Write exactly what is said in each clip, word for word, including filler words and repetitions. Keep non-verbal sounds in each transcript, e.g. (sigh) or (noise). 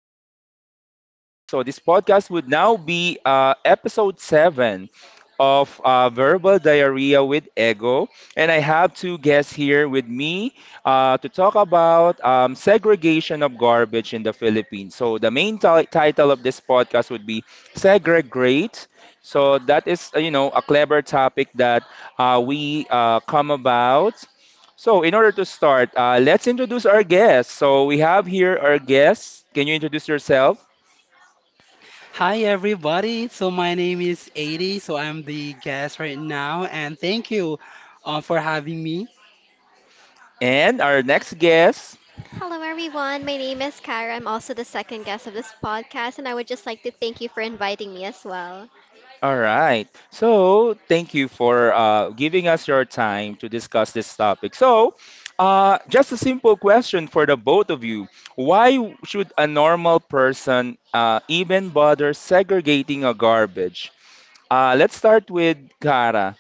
back in our podcast. So this podcast would now be uh, episode seven of uh, Verbal Diarrhea with Ego, and I have two guests here with me uh, to talk about um, segregation of garbage in the Philippines. So the main ti- title of this podcast would be segregate. So that is uh, you know a clever topic that uh, we uh, come about. So, in order to start, uh, let's introduce our guests. So, we have here our guests. Can you introduce yourself? Hi everybody. So my name is 80. So I'm the guest right now, and thank you uh, for having me. And our next guest. Hello, everyone. My name is Kara. I'm also the second guest of this podcast, and I would just like to thank you for inviting me as well. All right. So, thank you for uh, giving us your time to discuss this topic. So, uh, just a simple question for the both of you. Why should a normal person uh, even bother segregating a garbage? Uh, let's start with Kara.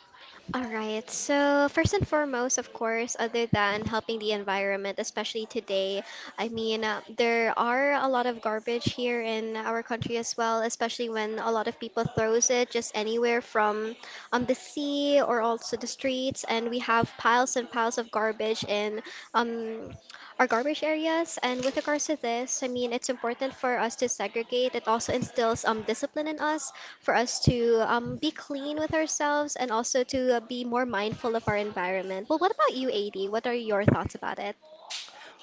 All right, so first and foremost, of course, other than helping the environment, especially today, I mean, uh, there are a lot of garbage here in our country as well, especially when a lot of people throws it just anywhere from um, the sea or also the streets, and we have piles and piles of garbage in um, our garbage areas. And with regards to this, I mean, it's important for us to segregate. It also instills um, discipline in us for us to um, be clean with ourselves and also to uh, be more mindful of our environment. Well, what about you, A D? What are your thoughts about it?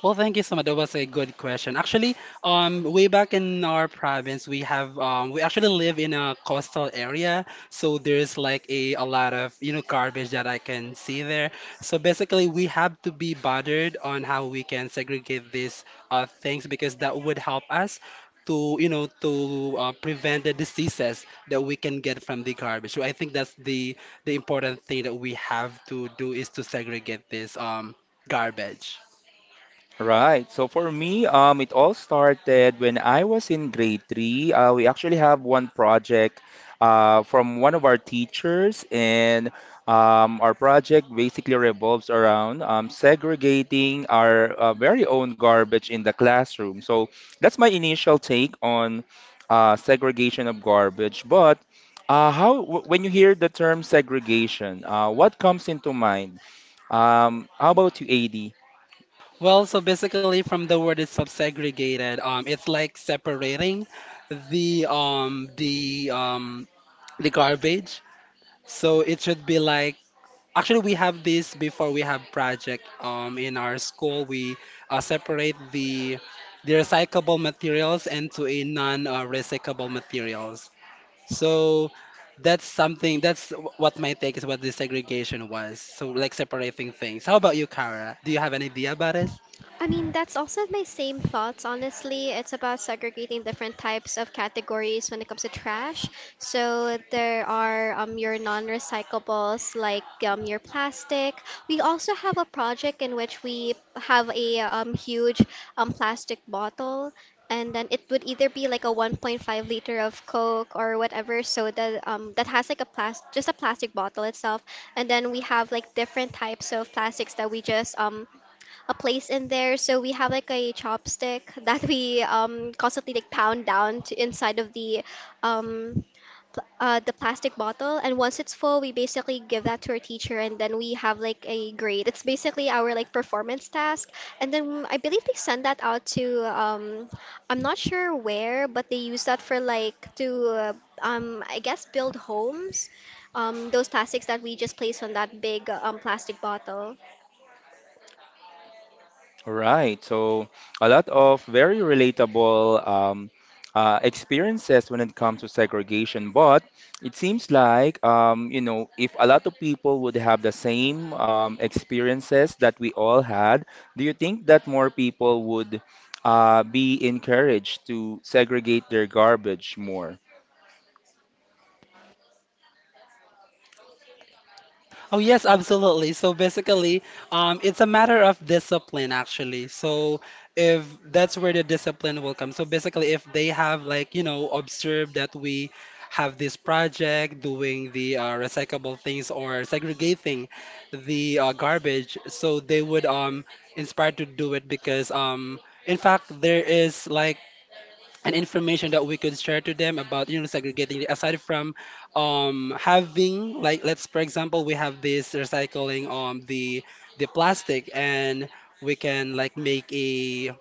Well, thank you so much. That was a good question. Actually, um, way back in our province, we have um, we actually live in a coastal area, so there's like a, a lot of you know garbage that I can see there. So basically, we have to be bothered on how we can segregate these uh, things because that would help us to you know to uh, prevent the diseases that we can get from the garbage. So I think that's the the important thing that we have to do is to segregate this um, garbage. Right. So for me, um, it all started when I was in grade three. Uh, we actually have one project uh, from one of our teachers, and um, our project basically revolves around um, segregating our uh, very own garbage in the classroom. So that's my initial take on uh, segregation of garbage. But uh, how, wh- when you hear the term segregation, uh, what comes into mind? Um, how about you, A D? Well, so basically, from the word it's subsegregated, um, it's like separating the um the um the garbage. So it should be like actually we have this before we have project um in our school we uh, separate the the recyclable materials into a non-recyclable materials. So that's something that's wh- what my take is what the segregation was. So like separating things. How about you, Kara? Do you have an idea about it? I mean, that's also my same thoughts, honestly. It's about segregating different types of categories when it comes to trash. So there are um, your non-recyclables, like um, your plastic. We also have a project in which we have a um, huge um, plastic bottle. And then it would either be like a one point five liter of Coke or whatever soda um, that has like a plastic, just a plastic bottle itself. And then we have like different types of plastics that we just um, a place in there. So we have like a chopstick that we um constantly like pound down to inside of the um pl- uh, the plastic bottle, and once it's full, we basically give that to our teacher, and then we have like a grade. It's basically our like performance task, and then I believe they send that out to um I'm not sure where, but they use that for like to uh, um I guess build homes um those plastics that we just place on that big um plastic bottle. All right. So a lot of very relatable um, uh, experiences when it comes to segregation. But it seems like, um, you know, if a lot of people would have the same um, experiences that we all had, do you think that more people would uh, be encouraged to segregate their garbage more? Oh yes, absolutely. So basically, um, it's a matter of discipline actually. So if that's where the discipline will come. So basically, if they have like you know observed that we have this project doing the uh, recyclable things or segregating the uh, garbage, so they would um inspire to do it because um in fact there is like and information that we could share to them about you know segregating it, aside from um, having like let's for example we have this recycling um the the plastic and we can like make a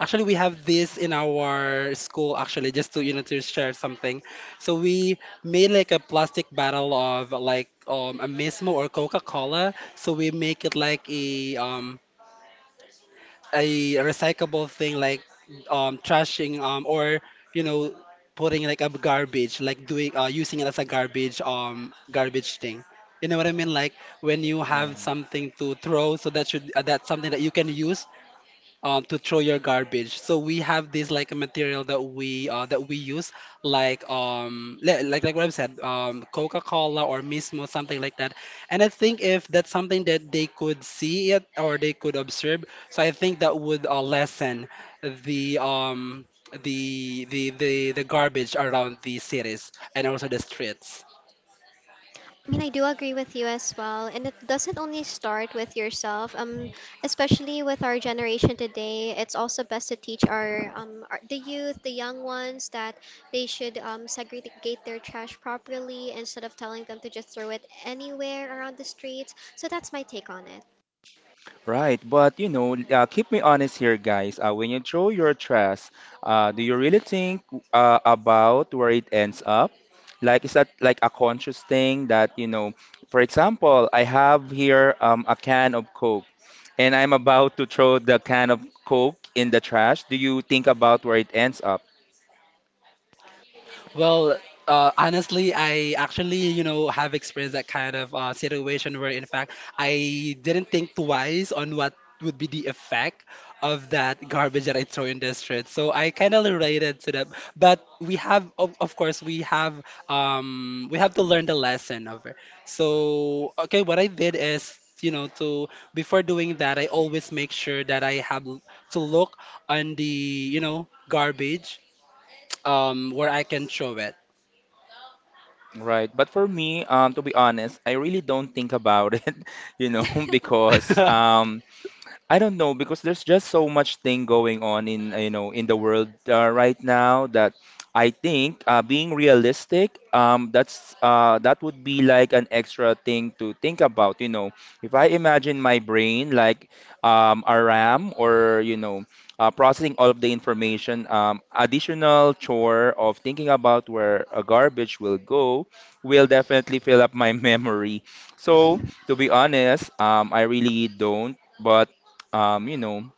actually we have this in our school actually just to you know to share something so we made like a plastic bottle of like um a mismo or Coca-Cola, so we make it like a um a recyclable thing like um trashing um or you know putting like a garbage like doing uh using it as a garbage um garbage thing, you know what I mean, like when you have Yeah. something to throw, so that should uh, that's something that you can use um, to throw your garbage. So we have this like a material that we uh, that we use like um li- like like what I've said um Coca-Cola or Mismo, something like that. And I think if that's something that they could see it or they could observe, so I think that would uh, lessen the um the the the the garbage around the cities and also the streets. I mean, I do agree with you as well, and it doesn't only start with yourself. Um, especially with our generation today, it's also best to teach our um our, the youth, the young ones, that they should um segregate their trash properly instead of telling them to just throw it anywhere around the streets. So that's my take on Right, but you know, uh, keep me honest here, guys. Uh, when you throw your trash, uh, do you really think uh, about where it ends up? Like, is that like a conscious thing that, you know, for example, I have here um, a can of Coke and I'm about to throw the can of Coke in the trash. Do you think about where it ends up? Well, uh, honestly, I actually, you know, have experienced that kind of uh, situation where, in fact, I didn't think twice on what would be the effect of that garbage that I throw in the street. So I kind of related to that. But we have, of, of course, we have, um, we have to learn the lesson of it. So, okay, what I did is. You know, to before doing that, I always make sure that I have l- to look on the, you know, garbage um, where I can throw it. Right, but for me, um, to be honest, I really don't think about it, (laughs) you know, (laughs) it. (laughs) because um, I don't know because there's just so much thing going on in uh, you know in the world uh, right now that I think uh, being realistic um, that's uh, that would be like an extra thing to think about you know if I imagine my brain like um, a RAM or you know uh, processing all of the information um, additional chore of thinking about where a garbage will go will definitely fill up my (laughs) memory so to be honest um, I really don't but um, you know,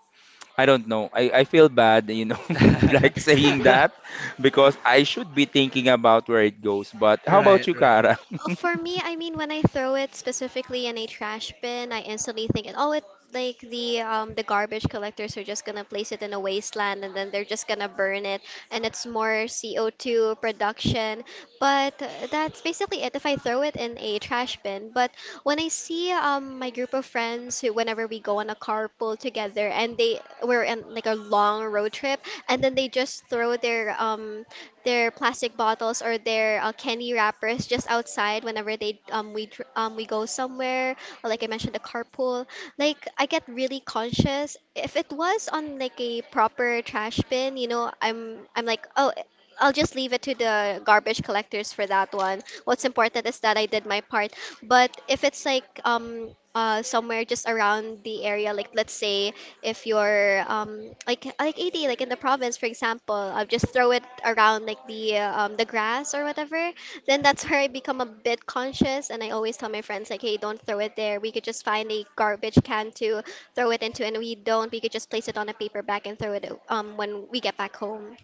I don't know. I, I feel bad, you know, (laughs) like saying that (laughs) because I should be thinking about where it goes. But how about Right, you, right. Kara? Uh, (laughs) For me, I mean, when I throw it specifically in a trash bin, I instantly think, oh, it like the um the garbage collectors are just gonna place it in a wasteland, and then they're just gonna burn it, and it's more C O two production. But uh, that's basically it if I throw it in a trash bin. But when I see um my group of friends who, whenever we go on a carpool together, and they we're in like a long road trip, and then they just throw their um their plastic bottles or their uh, candy wrappers just outside whenever they um we dr- um we go somewhere, like I mentioned, the carpool. Like I get really conscious. If it was on like a proper trash bin, you know, I'm I'm like, oh, I'll just leave it to the garbage collectors for that one. What's important is that I did my part. But if it's like um uh somewhere just around the area, like let's say if you're um like like A D, like in the province for example, I'll just throw it around like the uh, um the grass or whatever. Then that's where I become a bit conscious, and I always tell my friends, like, hey, don't throw it there, we could just find a garbage can to throw it into, and we don't we could just place it on a paper bag and throw it um when we get back home.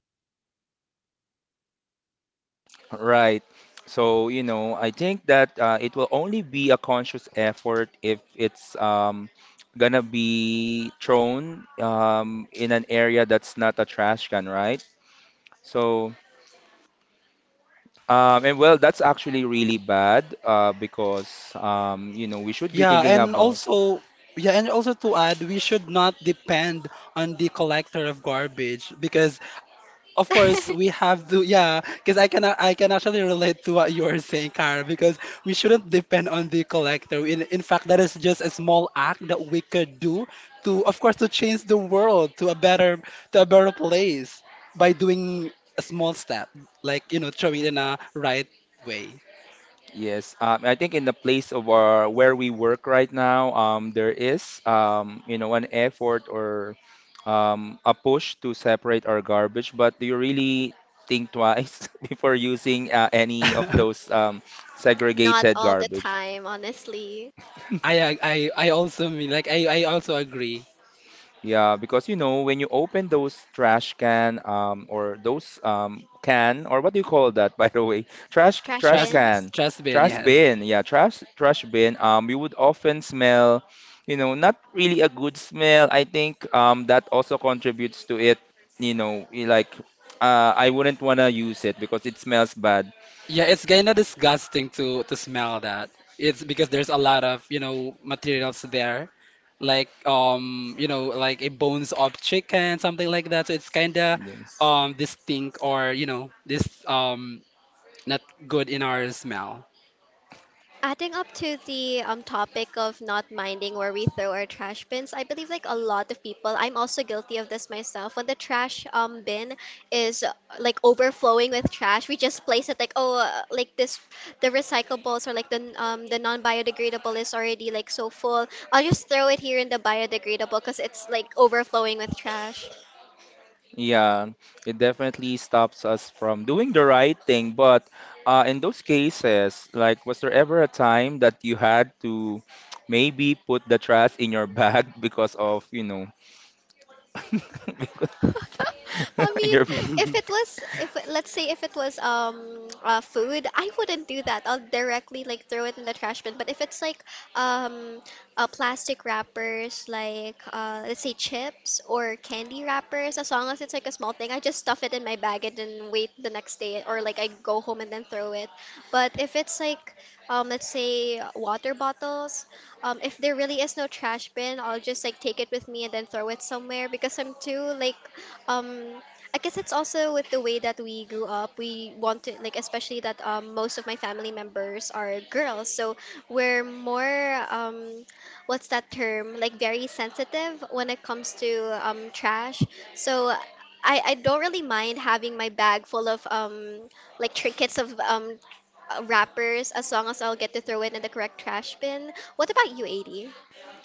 Right. So, you know, I think that uh, it will only be a conscious effort if it's um, gonna be thrown um, in an area that's not a trash can, right? So, um, and well, that's actually really bad uh, because, um, you know, we should be Yeah, thinking and about. also, yeah, and also to add, we should not depend on the collector of garbage because, of course, (laughs) we have to. Yeah, because I can I can actually relate to what you are saying, Cara, because we shouldn't depend on the collector. In in fact, that is just a small act that we could do to, of course, to change the world to a better to a better place by doing a small step, like you know, throwing it in a right way. Yes, um, I think in the place of our where we work right now, um, there is um, you know an effort or um, a push to separate our garbage. But do you really think twice (laughs) before using uh, any of those (laughs) um, Not segregated all the garbage? time, honestly. (laughs) I I I also mean like I I also agree. Yeah, because you know, when you open those trash can um, or those um, can or what do you call that (laughs) by the way? Trash Trash trash Trust bins. can, trust me, and trash yes. Mm-hmm. bin. Yeah, trash trash bin. Um, you would often smell, you know, not really a good smell. I think um, that also contributes to it. You know, y- like uh, I wouldn't wanna use it because it smells bad. Yeah, it's kinda disgusting to to smell that. It's because there's a lot of, you know, materials there. Like um, you know, like a bones of chicken, something like that. So it's kinda Yes. um distinct or, you know, this um not good in our smell. Adding up to the um, topic of not minding where we throw our trash bins, I believe like a lot of people, I'm also guilty of this myself. When the trash um bin is uh, like overflowing with trash, we just place it like, oh, uh, like this, the recyclables, or like the n- um the non-biodegradable is already like so full. I'll just throw it here in the biodegradable because it's like overflowing with trash. Yeah, it definitely stops us from doing the right thing. But uh, in those cases, like, was there ever a time that you had to maybe put the trash in your (laughs) bag because of, you know, (laughs) because- (laughs) I (laughs) in mean, your bag? if it (laughs) was, if it- let's say if it was um uh, food, I wouldn't do that. I'll directly like throw it in the trash bin. But if it's like um uh, plastic wrappers, like uh, let's say chips or candy wrappers, as long as it's like a small thing, I just stuff it in my bag and then wait the next day, or like I go home and then throw it. But if it's like um let's say water bottles, um, if there really is no trash bin, I'll just like take it with me and then throw it somewhere because I'm too like um, I guess it's also with the way that we grew up. We want to like, especially that um, most of my family members are girls, so we're more um, what's that term? Like very sensitive when it comes to um, trash. So I I don't really mind having my bag full of um like trinkets of um wrappers, as long as I'll get to throw it in the correct trash bin. What about you, eighty?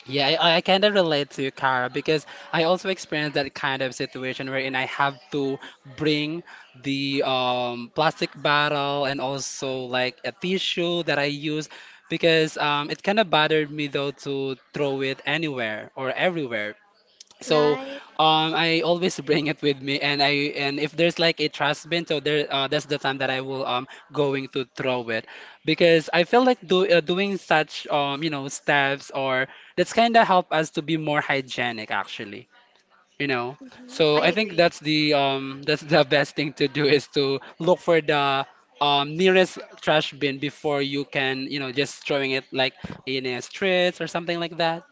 Yeah, I, I kind of relate to you, Cara, because I also experienced that kind of situation wherein I have to bring the um, plastic bottle and also like a tissue that I use because um, it kind of bothered me though to throw it anywhere or everywhere so Right. um, I always (laughs) bring it with me, and I and if there's like a trash bin, so there uh, that's the time that I will um going to throw it, because I feel like do, uh, doing such um you know steps or that's kind of help us to be more hygienic actually, you know. Hmm, I So I think agree. that's the um (laughs) that's the best thing to do is to look for the um nearest trash bin before you can you know just throwing it like in a streets or something like that.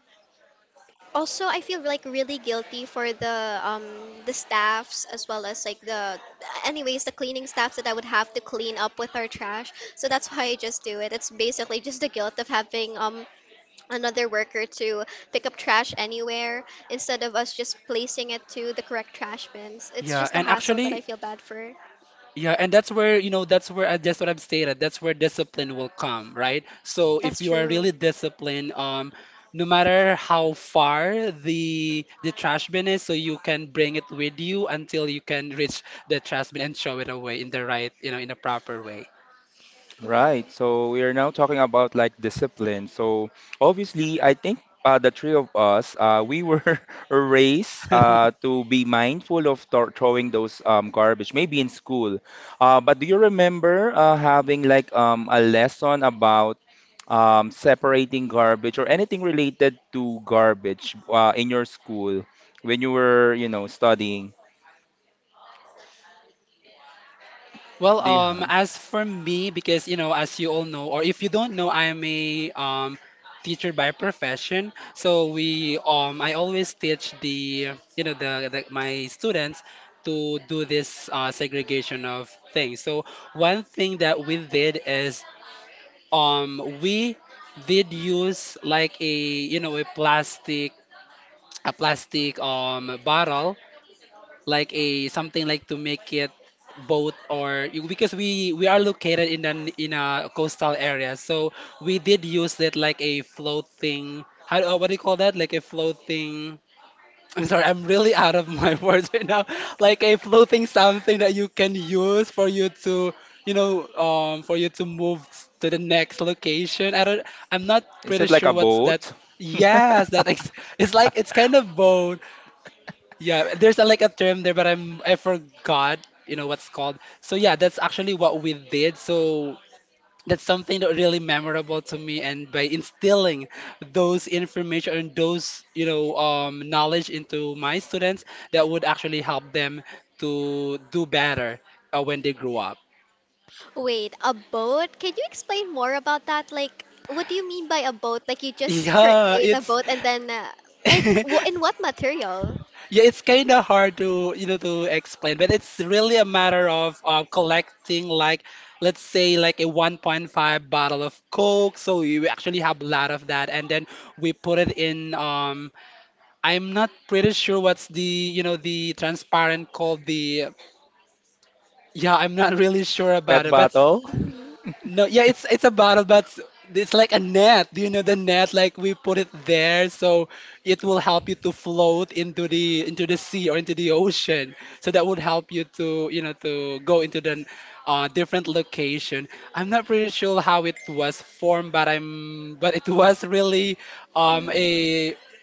Also, I feel like really guilty for the um the staffs, as well as like the anyways the cleaning staffs that I would have to clean up with our trash. So that's why I just do it. It's basically just the guilt of having um another worker to pick up trash anywhere, instead of us just placing it to the correct trash bins. It's Yeah, just a and hassle that I actually, feel bad for. yeah, and that's where, you know, that's where I that's what I've stated. That's where discipline will come, right? So That's if you are true. really disciplined, um, no matter how far the the trash bin is, so you can bring it with you until you can reach the trash bin and throw it away in the right, you know, in a proper way. Right. Hmm. So we are now talking about like discipline. So obviously, I think uh, the three of us, uh, we were (laughs) raised uh, to be mindful of th throwing those um, garbage, maybe in school. Uh, but do you remember uh, having like um, a lesson about um, separating garbage or anything related to garbage uh, in your school when you were, you know, studying? Well, Do you, um, as for me, because you know, as you all know, or if you don't know, I'm a um, teacher by profession. So we, um, I always teach the, you know, the, the my students to do this uh, segregation of things. So one thing that we did is, um, we did use like a, you know, a plastic, a plastic um bottle like a something like to make it boat or because we we are located in an in a coastal area so we did use it like a floating how do- uh, what do you call that, like a floating, I'm sorry, I'm really out of my (laughs) words right now, like a floating something that you can use for you to you know um for you to move to the next location, I don't, I'm not is pretty it like sure a what's that. boat? (laughs) Yes, that ex- (laughs) it's like it's kind of boat. Yeah, there's a, like a term there, but I'm I forgot, you know, what's called. So yeah, that's actually what we did. So that's something that really memorable to me, and by instilling those information and those, you know, um, knowledge into my students, that would actually help them to do better uh, when they grow up. Wait, a boat? Can you explain more about that? Like, what do you mean by a boat? Like, you just Yeah, create a it's boat and then, uh, like, w- in (laughs) what material? yeah, it's kind of hard to you know to explain, but it's really a matter of uh, collecting like let's say like a one point five bottle of Coke. So you actually have a lot of that, and then we put it in. Um, I'm not pretty sure what's the you know the transparent called the. Yeah, I'm not (laughs) really sure about Pet it, but bottle? Mhm. no, yeah, it's it's a bottle, but s- it's like a net. Do you know the net? Like we put it there, so it will help you to float into the into the sea or into the ocean. So that would help you to you know to go into the uh, different location. I'm not pretty sure how it was formed, but I'm but it was really um a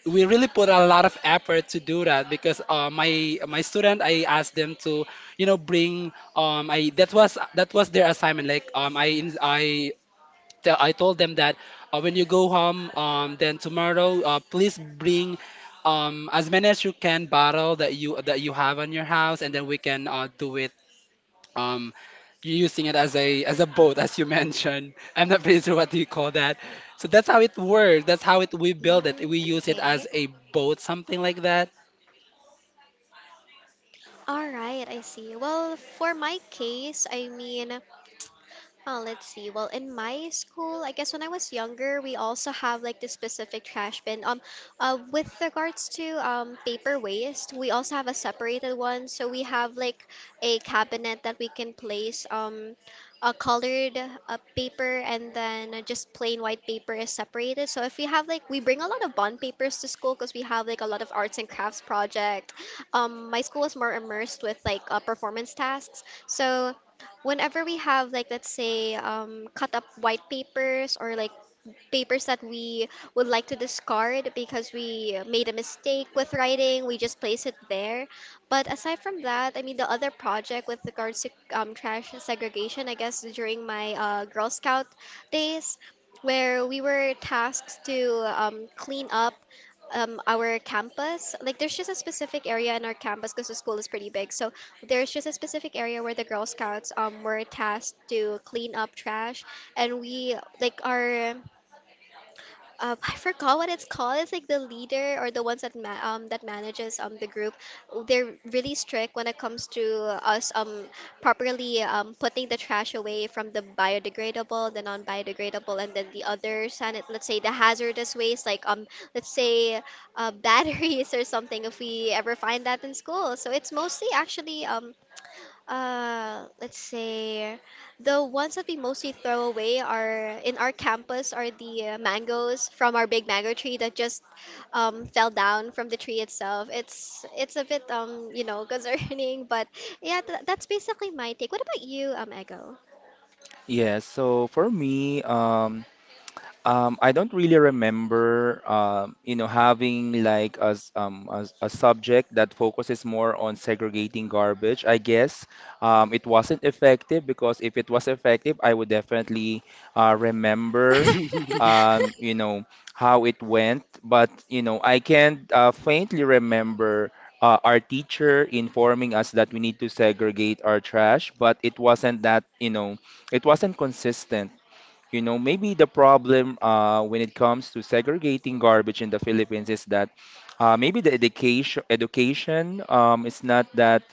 we really put a lot of effort to do that because uh, my my student I asked them to you know bring um, I that was that was their assignment. Like um, I ins- I te- I told them that uh, when you go home, um, then tomorrow, uh, please bring um as many as you can bottle that you that you have on your house, and then we can uh, do it um using it as a as a boat, as you (laughs) mentioned. I'm not pretty sure what do you call that. So that's how it works. That's how it we build it. Mhm. We use it Okay. as a boat, something like that. All right, I see. Well, for my case, I mean, oh, let's see. Well, in my school, I guess when I was younger, we also have like this specific trash bin. Um, uh, with regards to um paper waste, we also have a separated one. So we have like a cabinet that we can place um a colored uh, paper, and then uh, just plain white paper is separated. So if we have like we bring a lot of bond papers to school because we have like a lot of arts and crafts project. Um, my school is more immersed with like uh, performance tasks. So whenever we have like let's say um, cut up white papers, or like papers that we would like to discard because we made a mistake with writing, we just place it there. But aside from that, I mean, the other project with regards to um, trash segregation, I guess during my uh, girl scout days, where we were tasked to um, clean up um, our campus. Like, there's just a specific area in our campus because the school is pretty big. So there's just a specific area where the Girl Scouts um were tasked to clean up trash, and we like our um, I forgot what it's called. It's like the leader or the ones that ma um that manages um the group. They're really strict when it comes to us um properly um putting the trash away from the biodegradable, the non-biodegradable, and then the other sanit let's say the hazardous waste, like um let's say uh, (laughs) batteries or something, if we ever find that in school. So it's mostly actually um uh let's say the ones that we mostly throw away are in our campus are the uh, mangoes from our big mango tree that just um, fell down from the tree itself. It's it's a bit um you know (laughs) concerning, but yeah, th- that's basically my take. What about you, um, Ego? Yes, so for me, um, um, I don't really remember, um, you know, having like a, s- um, a, s- a subject that focuses more on segregating garbage. I guess um, it wasn't effective because if it was effective, I would definitely uh, remember, um, you know, how it went. But, you know, I can uh, faintly remember uh, our teacher informing us that we need to segregate our trash, but it wasn't that, you know, it wasn't consistent you know, maybe the problem uh, when it comes to segregating garbage in the Philippines is that uh, maybe the education education um, is not that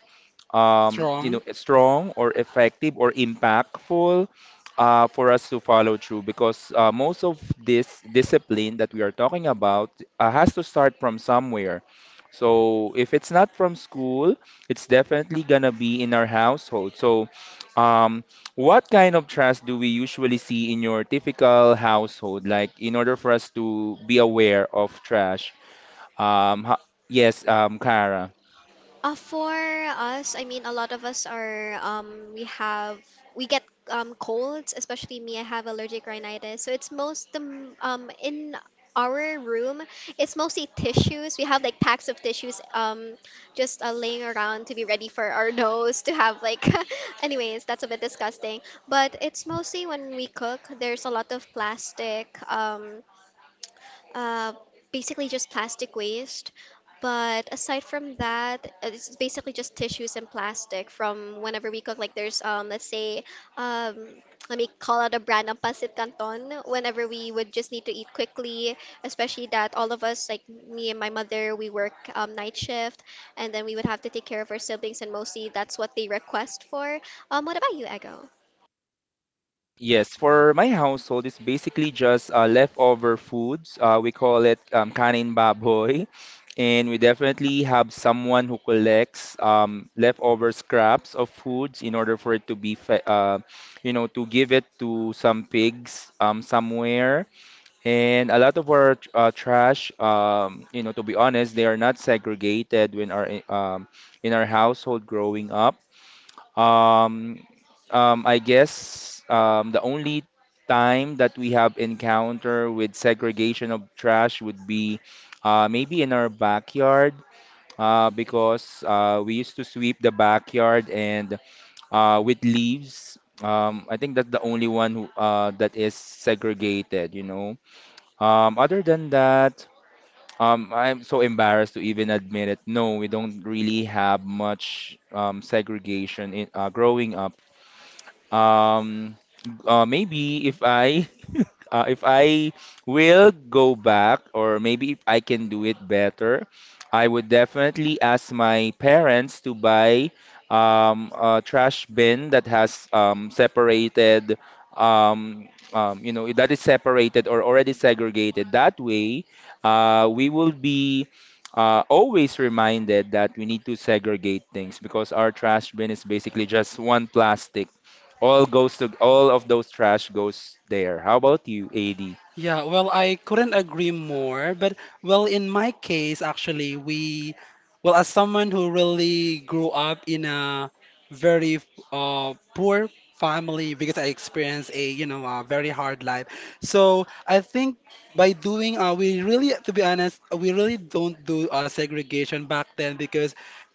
um, you know, Strong. strong or effective or impactful uh, for us to follow through because uh, most of this discipline that we are talking about uh, has to start from somewhere. So if it's not from school, it's definitely gonna be in our household. So, um, what kind of trust do we usually see in your typical household? Like in order for us to be aware of trash, um, ho- yes, um, Kara. Uh, for us, I mean, a lot of us are, um, we have, we get um, colds, especially me, I have allergic rhinitis. So it's most, the um, in our room, it's mostly tissues. We have like packs of tissues, um, just uh, laying around to be ready for our (laughs) nose to have like, (laughs) anyways, that's a bit disgusting. But it's mostly when we cook, there's a lot of plastic. Um, uh, basically just plastic waste. But aside from that, uh, it's basically just tissues and plastic from whenever we cook. Like there's um, let's say um, let me call out a brand, ang Pancit Canton. Whenever we would just need to eat quickly, especially that all of us, like me and my mother, we work um, night shift, and then we would have to take care of our siblings, and mostly that's what they request for. Um, what about you, Ego? Yes, for my household, it's basically just uh, leftover foods. Uh, we call it um, kanin baboy. And we definitely have someone who collects um, leftover scraps of foods in order for it to be, fe uh, you know, to give it to some pigs um, somewhere. And a lot of our tr- uh, trash, um, you know, to be honest, they are not segregated when our um, in our household growing up. Um, um, I guess um, the only time that we have encounter with segregation of trash would be uh, maybe in our backyard uh, because uh, we used to sweep the backyard and uh, with leaves. Um, I think that's the only one who, uh, that is segregated, you know. Um, other than that, um, I'm so embarrassed to even admit it. No, we don't really have much um, segregation in uh, growing up um, uh, Maybe if I (laughs) uh, if I will go back, or maybe if I can do it better, I would definitely ask my parents to buy um, a trash bin that has um, separated, um, um, you know, that is separated or already segregated. That way, uh, we will be. Uh, always reminded that we need to segregate things because our trash bin is basically just one plastic all goes to all of those trash goes there. How about you, A D? Yeah, well, I couldn't agree more. But, well, in my case, actually, we, well, as someone who really grew up in a very uh, poor family because I experienced a, you know, a very hard life. So I think by doing, uh, we really, to be honest, we really don't do uh, segregation back then because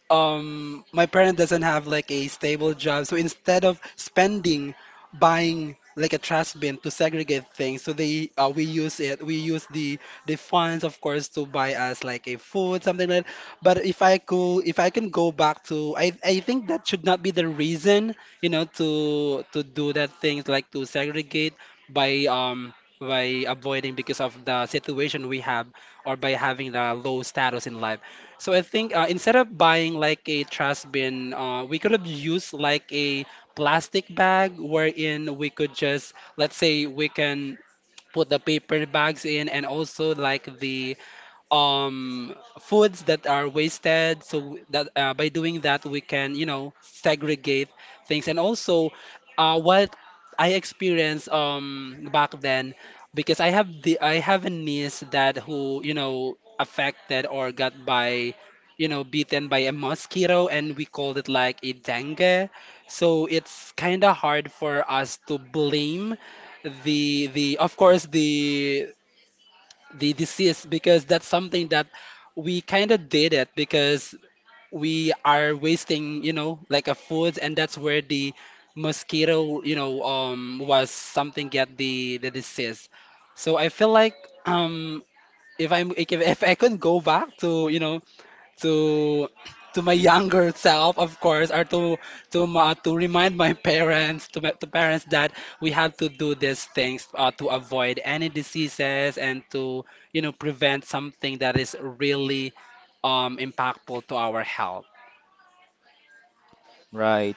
um my parent doesn't have like a stable job so instead of spending buying like a trash bin to segregate things. So they uh, we use it. We use the the funds, of course, to buy us like a food, something like that. But if I could, if I can go back to, I I think that should not be the reason, you know, to to do that things like to segregate by um by avoiding because of the situation we have or by having the low status in life. So I think uh, instead of buying like a trash bin, uh, we could have used like a plastic bag wherein we could just, let's say, we can put the paper bags in and also like the um foods that are wasted so that uh, by doing that we can, you know, segregate things. And also, uh, what I experienced um back then, because I have the I have a niece that, who, you know, affected or got by, you know, beaten by a mosquito, and we called it like a dengue. So it's kind of hard for us to blame the the of course, the the disease, because that's something that we kind of did it because we are wasting, you know, like a food, and that's where the mosquito, you know, um was something get the the disease. So I feel like um if I'm if, if I could go back to, you know, to to my younger self, of course, or to to ma to remind my parents, to my to parents that we have to do these things uh, to avoid any diseases and to, you know, prevent something that is really um impactful to our health. Right.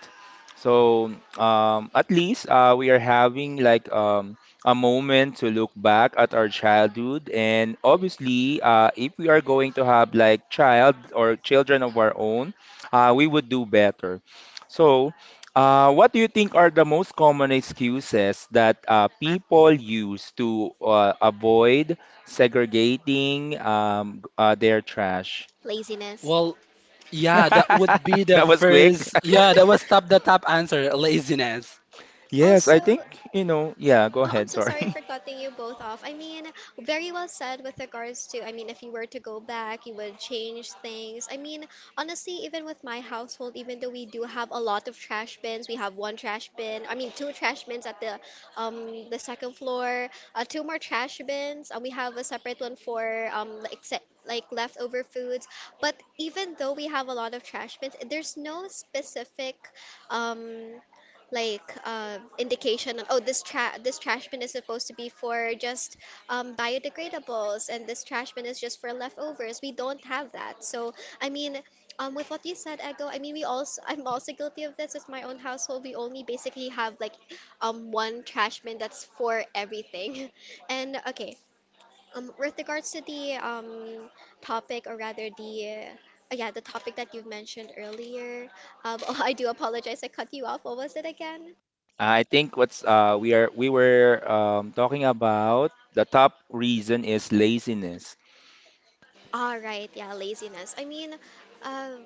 So, um, at least uh, we are having like um, a moment to look back at our childhood. And obviously, uh, if we are going to have like child or children of our own, uh, we would do better. So, uh, what do you think are the most common excuses that uh, people use to uh, avoid segregating um, uh, their trash? Laziness. Well, (laughs) yeah, that would be the That was quick. first. (laughs) Yeah, that was top the top answer, laziness. Yes, Also, I think, you know, yeah, go oh, I'm ahead, so sorry sorry. for (laughs) cutting you both off. I mean, very well said with regards to, I mean, if you were to go back, you would change things. I mean, honestly, even with my household, even though we do have a lot of trash bins, we have one trash bin, I mean, two trash bins at the um the second floor, uh, two more trash bins, and we have a separate one for um like se- like leftover foods. But even though we have a lot of trash bins, there's no specific um like uh, indication on, oh, this tra- this trash bin is supposed to be for just um, biodegradables and this trash bin is just for leftovers. We don't have that. So I mean, um, with what you said, Ego, I mean we also I'm also guilty of this with my own household. We only basically have like um one trash bin that's for everything. (laughs) And okay, um, with regards to the um topic, or rather the uh, yeah the topic that you mentioned earlier. Um, (laughs) oh, I do apologize. I cut you off. What was it again? I think what's uh we are we were um talking about the top reason is laziness. All right, yeah, laziness. I mean, uh,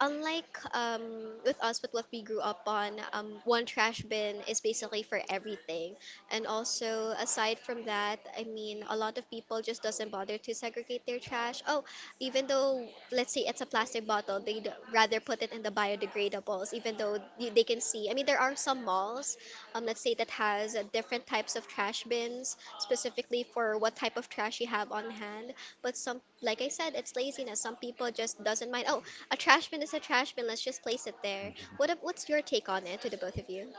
unlike um, with us, with what we grew up on, um, one trash bin is basically for everything. And also, aside from that, I mean, a lot of people just doesn't bother to segregate their trash. Oh, even though let's say it's a plastic bottle, they'd rather put it in the biodegradables, even even though y- they can see. I mean, there are some malls, um, let's say that has uh, different types of trash bins specifically for what type of trash you have on hand. But some, like I said, it's laziness. Some people just doesn't mind. Oh, a trash bin is a trash bin. Let's just place it there. What, ab- what's your take on it, to the both of you?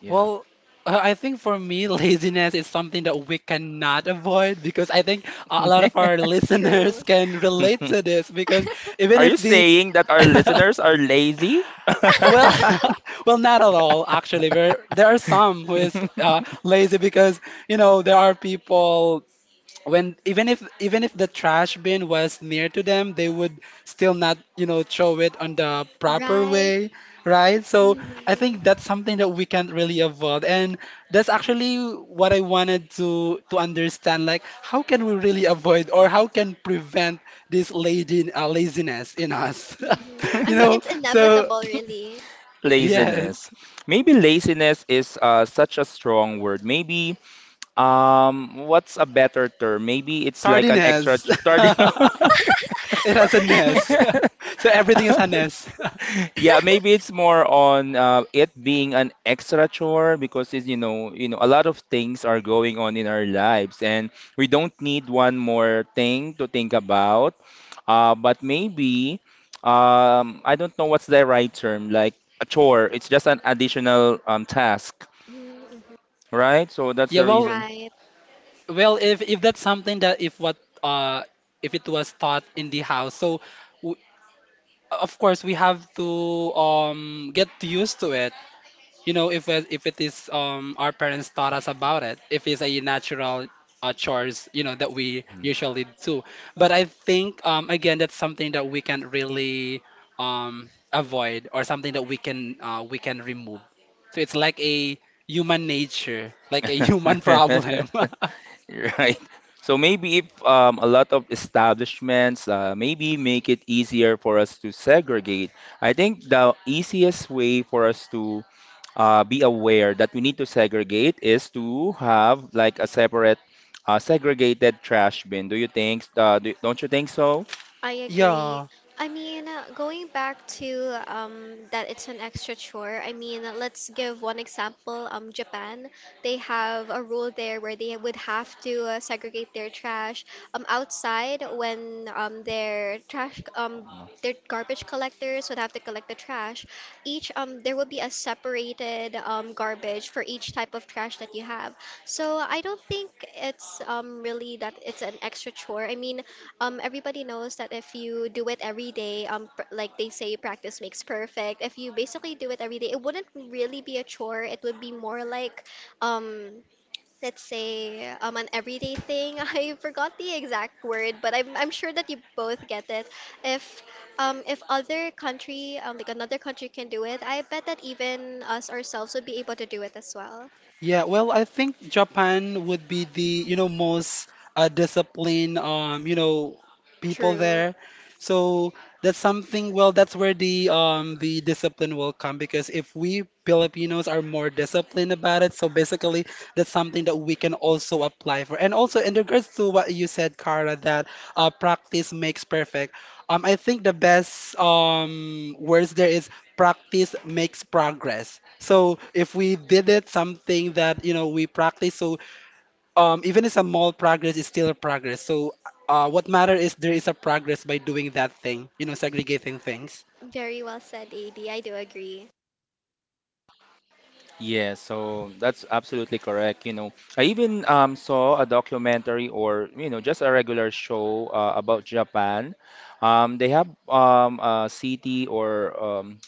Yeah. (laughs) Well, uh, I think for me, (laughs) laziness is something that we cannot avoid, because I think a a lot of our (laughs) listeners True. can relate to this. Because even Are if you the saying that our listeners are (laughs) lazy? well, (laughs) well, not at all. Actually, there there are some who is uh, (laughs) lazy, because you know, there are people when, even if, even if the trash bin was near to them, they would still not, you know, throw it on the proper way, Right. right? So I think Mm-hmm. that's something that we can't really avoid. And that's actually what I wanted to to understand, like how can we really avoid, or how can prevent this lazy, uh, laziness in us. Mm-hmm. (laughs) I You mean, know, it's (laughs) so inevitable, really. yes, Laziness. Maybe laziness is uh, such a strong word. Maybe Um, what's a better term? Maybe it's like an extra tardiness. charge. (laughs) (laughs) It has a ness. (laughs) So everything is a ness. Yeah, maybe it's more on uh, it being an extra chore because it's, you know, you know, a lot of things are going on in our lives, and we don't need one more thing to think about. Uh, but maybe, um, I don't know what's the right term, like a chore. It's just an additional um, task, Mm-hmm. right? So (laughs) that's Yeah, the well, reason. Right. well, if if that's something that, if what uh if it was taught in the house, so w of course we have to um get used to it. You know, if it- if it is um our parents taught us about it, if it's a natural uh, chores, you know, that we usually do. But I think um again, that's something that we can really um avoid, or something that we can uh, we can remove. So it's like a human nature, like a (laughs) human problem. (laughs) (laughs) Right. So maybe if um, a lot of establishments uh, maybe make it easier for us to segregate, I think the easiest way for us to uh, be aware that we need to segregate is to have like a separate uh, segregated trash bin. Do you think, uh, do, don't you think so? I agree. Yeah. I mean, uh, going back to, um, that it's an extra chore, I mean, uh, let's give one example. Um, Japan, they have a rule there where they would have to uh, segregate their trash um, outside when, um, their trash, um, the garbage collectors would have to collect the trash. Each um there will be a separated um garbage for each type of trash that you have. So I don't think it's um really that it's an extra chore. I mean, um everybody knows that if you do it every day, um pr- like they say practice makes perfect. If you basically do it every day, it wouldn't really be a chore. It would be more like um let's say um an everyday thing. (laughs) I forgot the exact word, but I'm I'm sure that you both get it. If um if other country um like another country can do it, I bet that even us ourselves would be able to do it as well. Yeah, well, I think Japan would be the, you know, most uh, disciplined, um, you know, people True. there. So that's something, well, that's where the um the discipline will come, because if we Filipinos are more disciplined about it, so basically that's something that we can also apply for. And also, in regards to what you said, Cara, that uh, practice makes perfect. Um, I think the best um words there is practice makes progress. So if we did it something that, you know, we practice, so um, even it's a small progress, it's still a progress. So, uh, what matter is there is a progress by doing that thing, you know, segregating things. Very well said, A B. I do agree. Yeah, so that's absolutely correct. You know, I even um, saw a documentary or, you know, just a regular show uh, about Japan. Um, they have um, a city or um,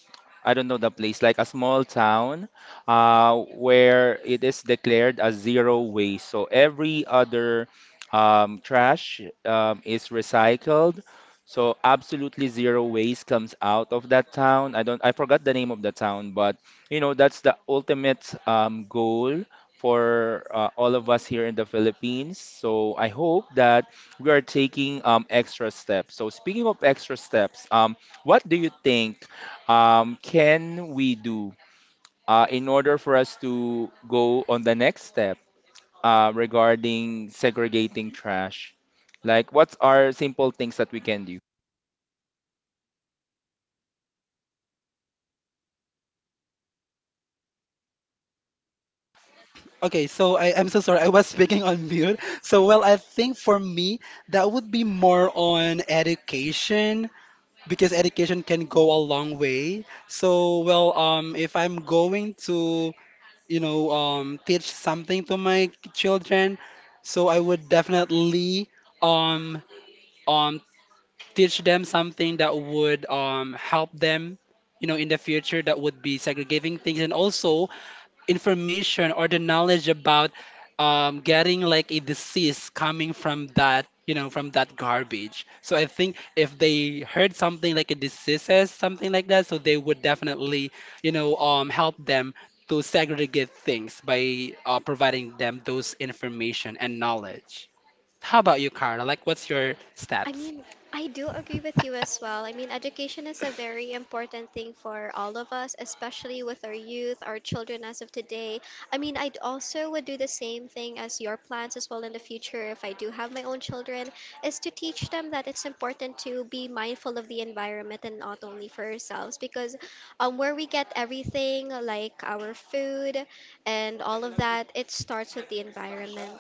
I don't know the place, like a small town uh, where it is declared as zero waste. So every other um, trash um, is recycled. So absolutely zero waste comes out of that town. I don't, I forgot the name of the town, but you know, that's the ultimate um, goal for uh, all of us here in the Philippines. So I hope that we are taking um, extra steps. So speaking of extra steps, um, what do you think um, can we do uh, in order for us to go on the next step uh, regarding segregating trash? Like, what are simple things that we can do? Okay, so I, I'm so sorry, I was (laughs) speaking on mute. So, well, I think for me, that would be more on education, because education can go a long way. So, well, um, if I'm going to, you know, um, teach something to my children, so I would definitely um, um, teach them something that would um, help them, you know, in the future, that would be segregating things. And also information or the knowledge about um, getting like a disease coming from that, you know, from that garbage. So I think if they heard something like a diseases, something like that, so they would definitely, you know, um, help them to segregate things by uh, providing them those information and knowledge. How about you, Carla, like what's your I steps? mean, I do agree with you as well. I mean, education is a very important thing for all of us, especially with our youth, our children as of today. I mean, I also would do the same thing as your plans as well in the future if I do have my own children, is to teach them that it's important to be mindful of the environment and not only for ourselves because, um, where we get everything like our food and all of that, it starts with the environment.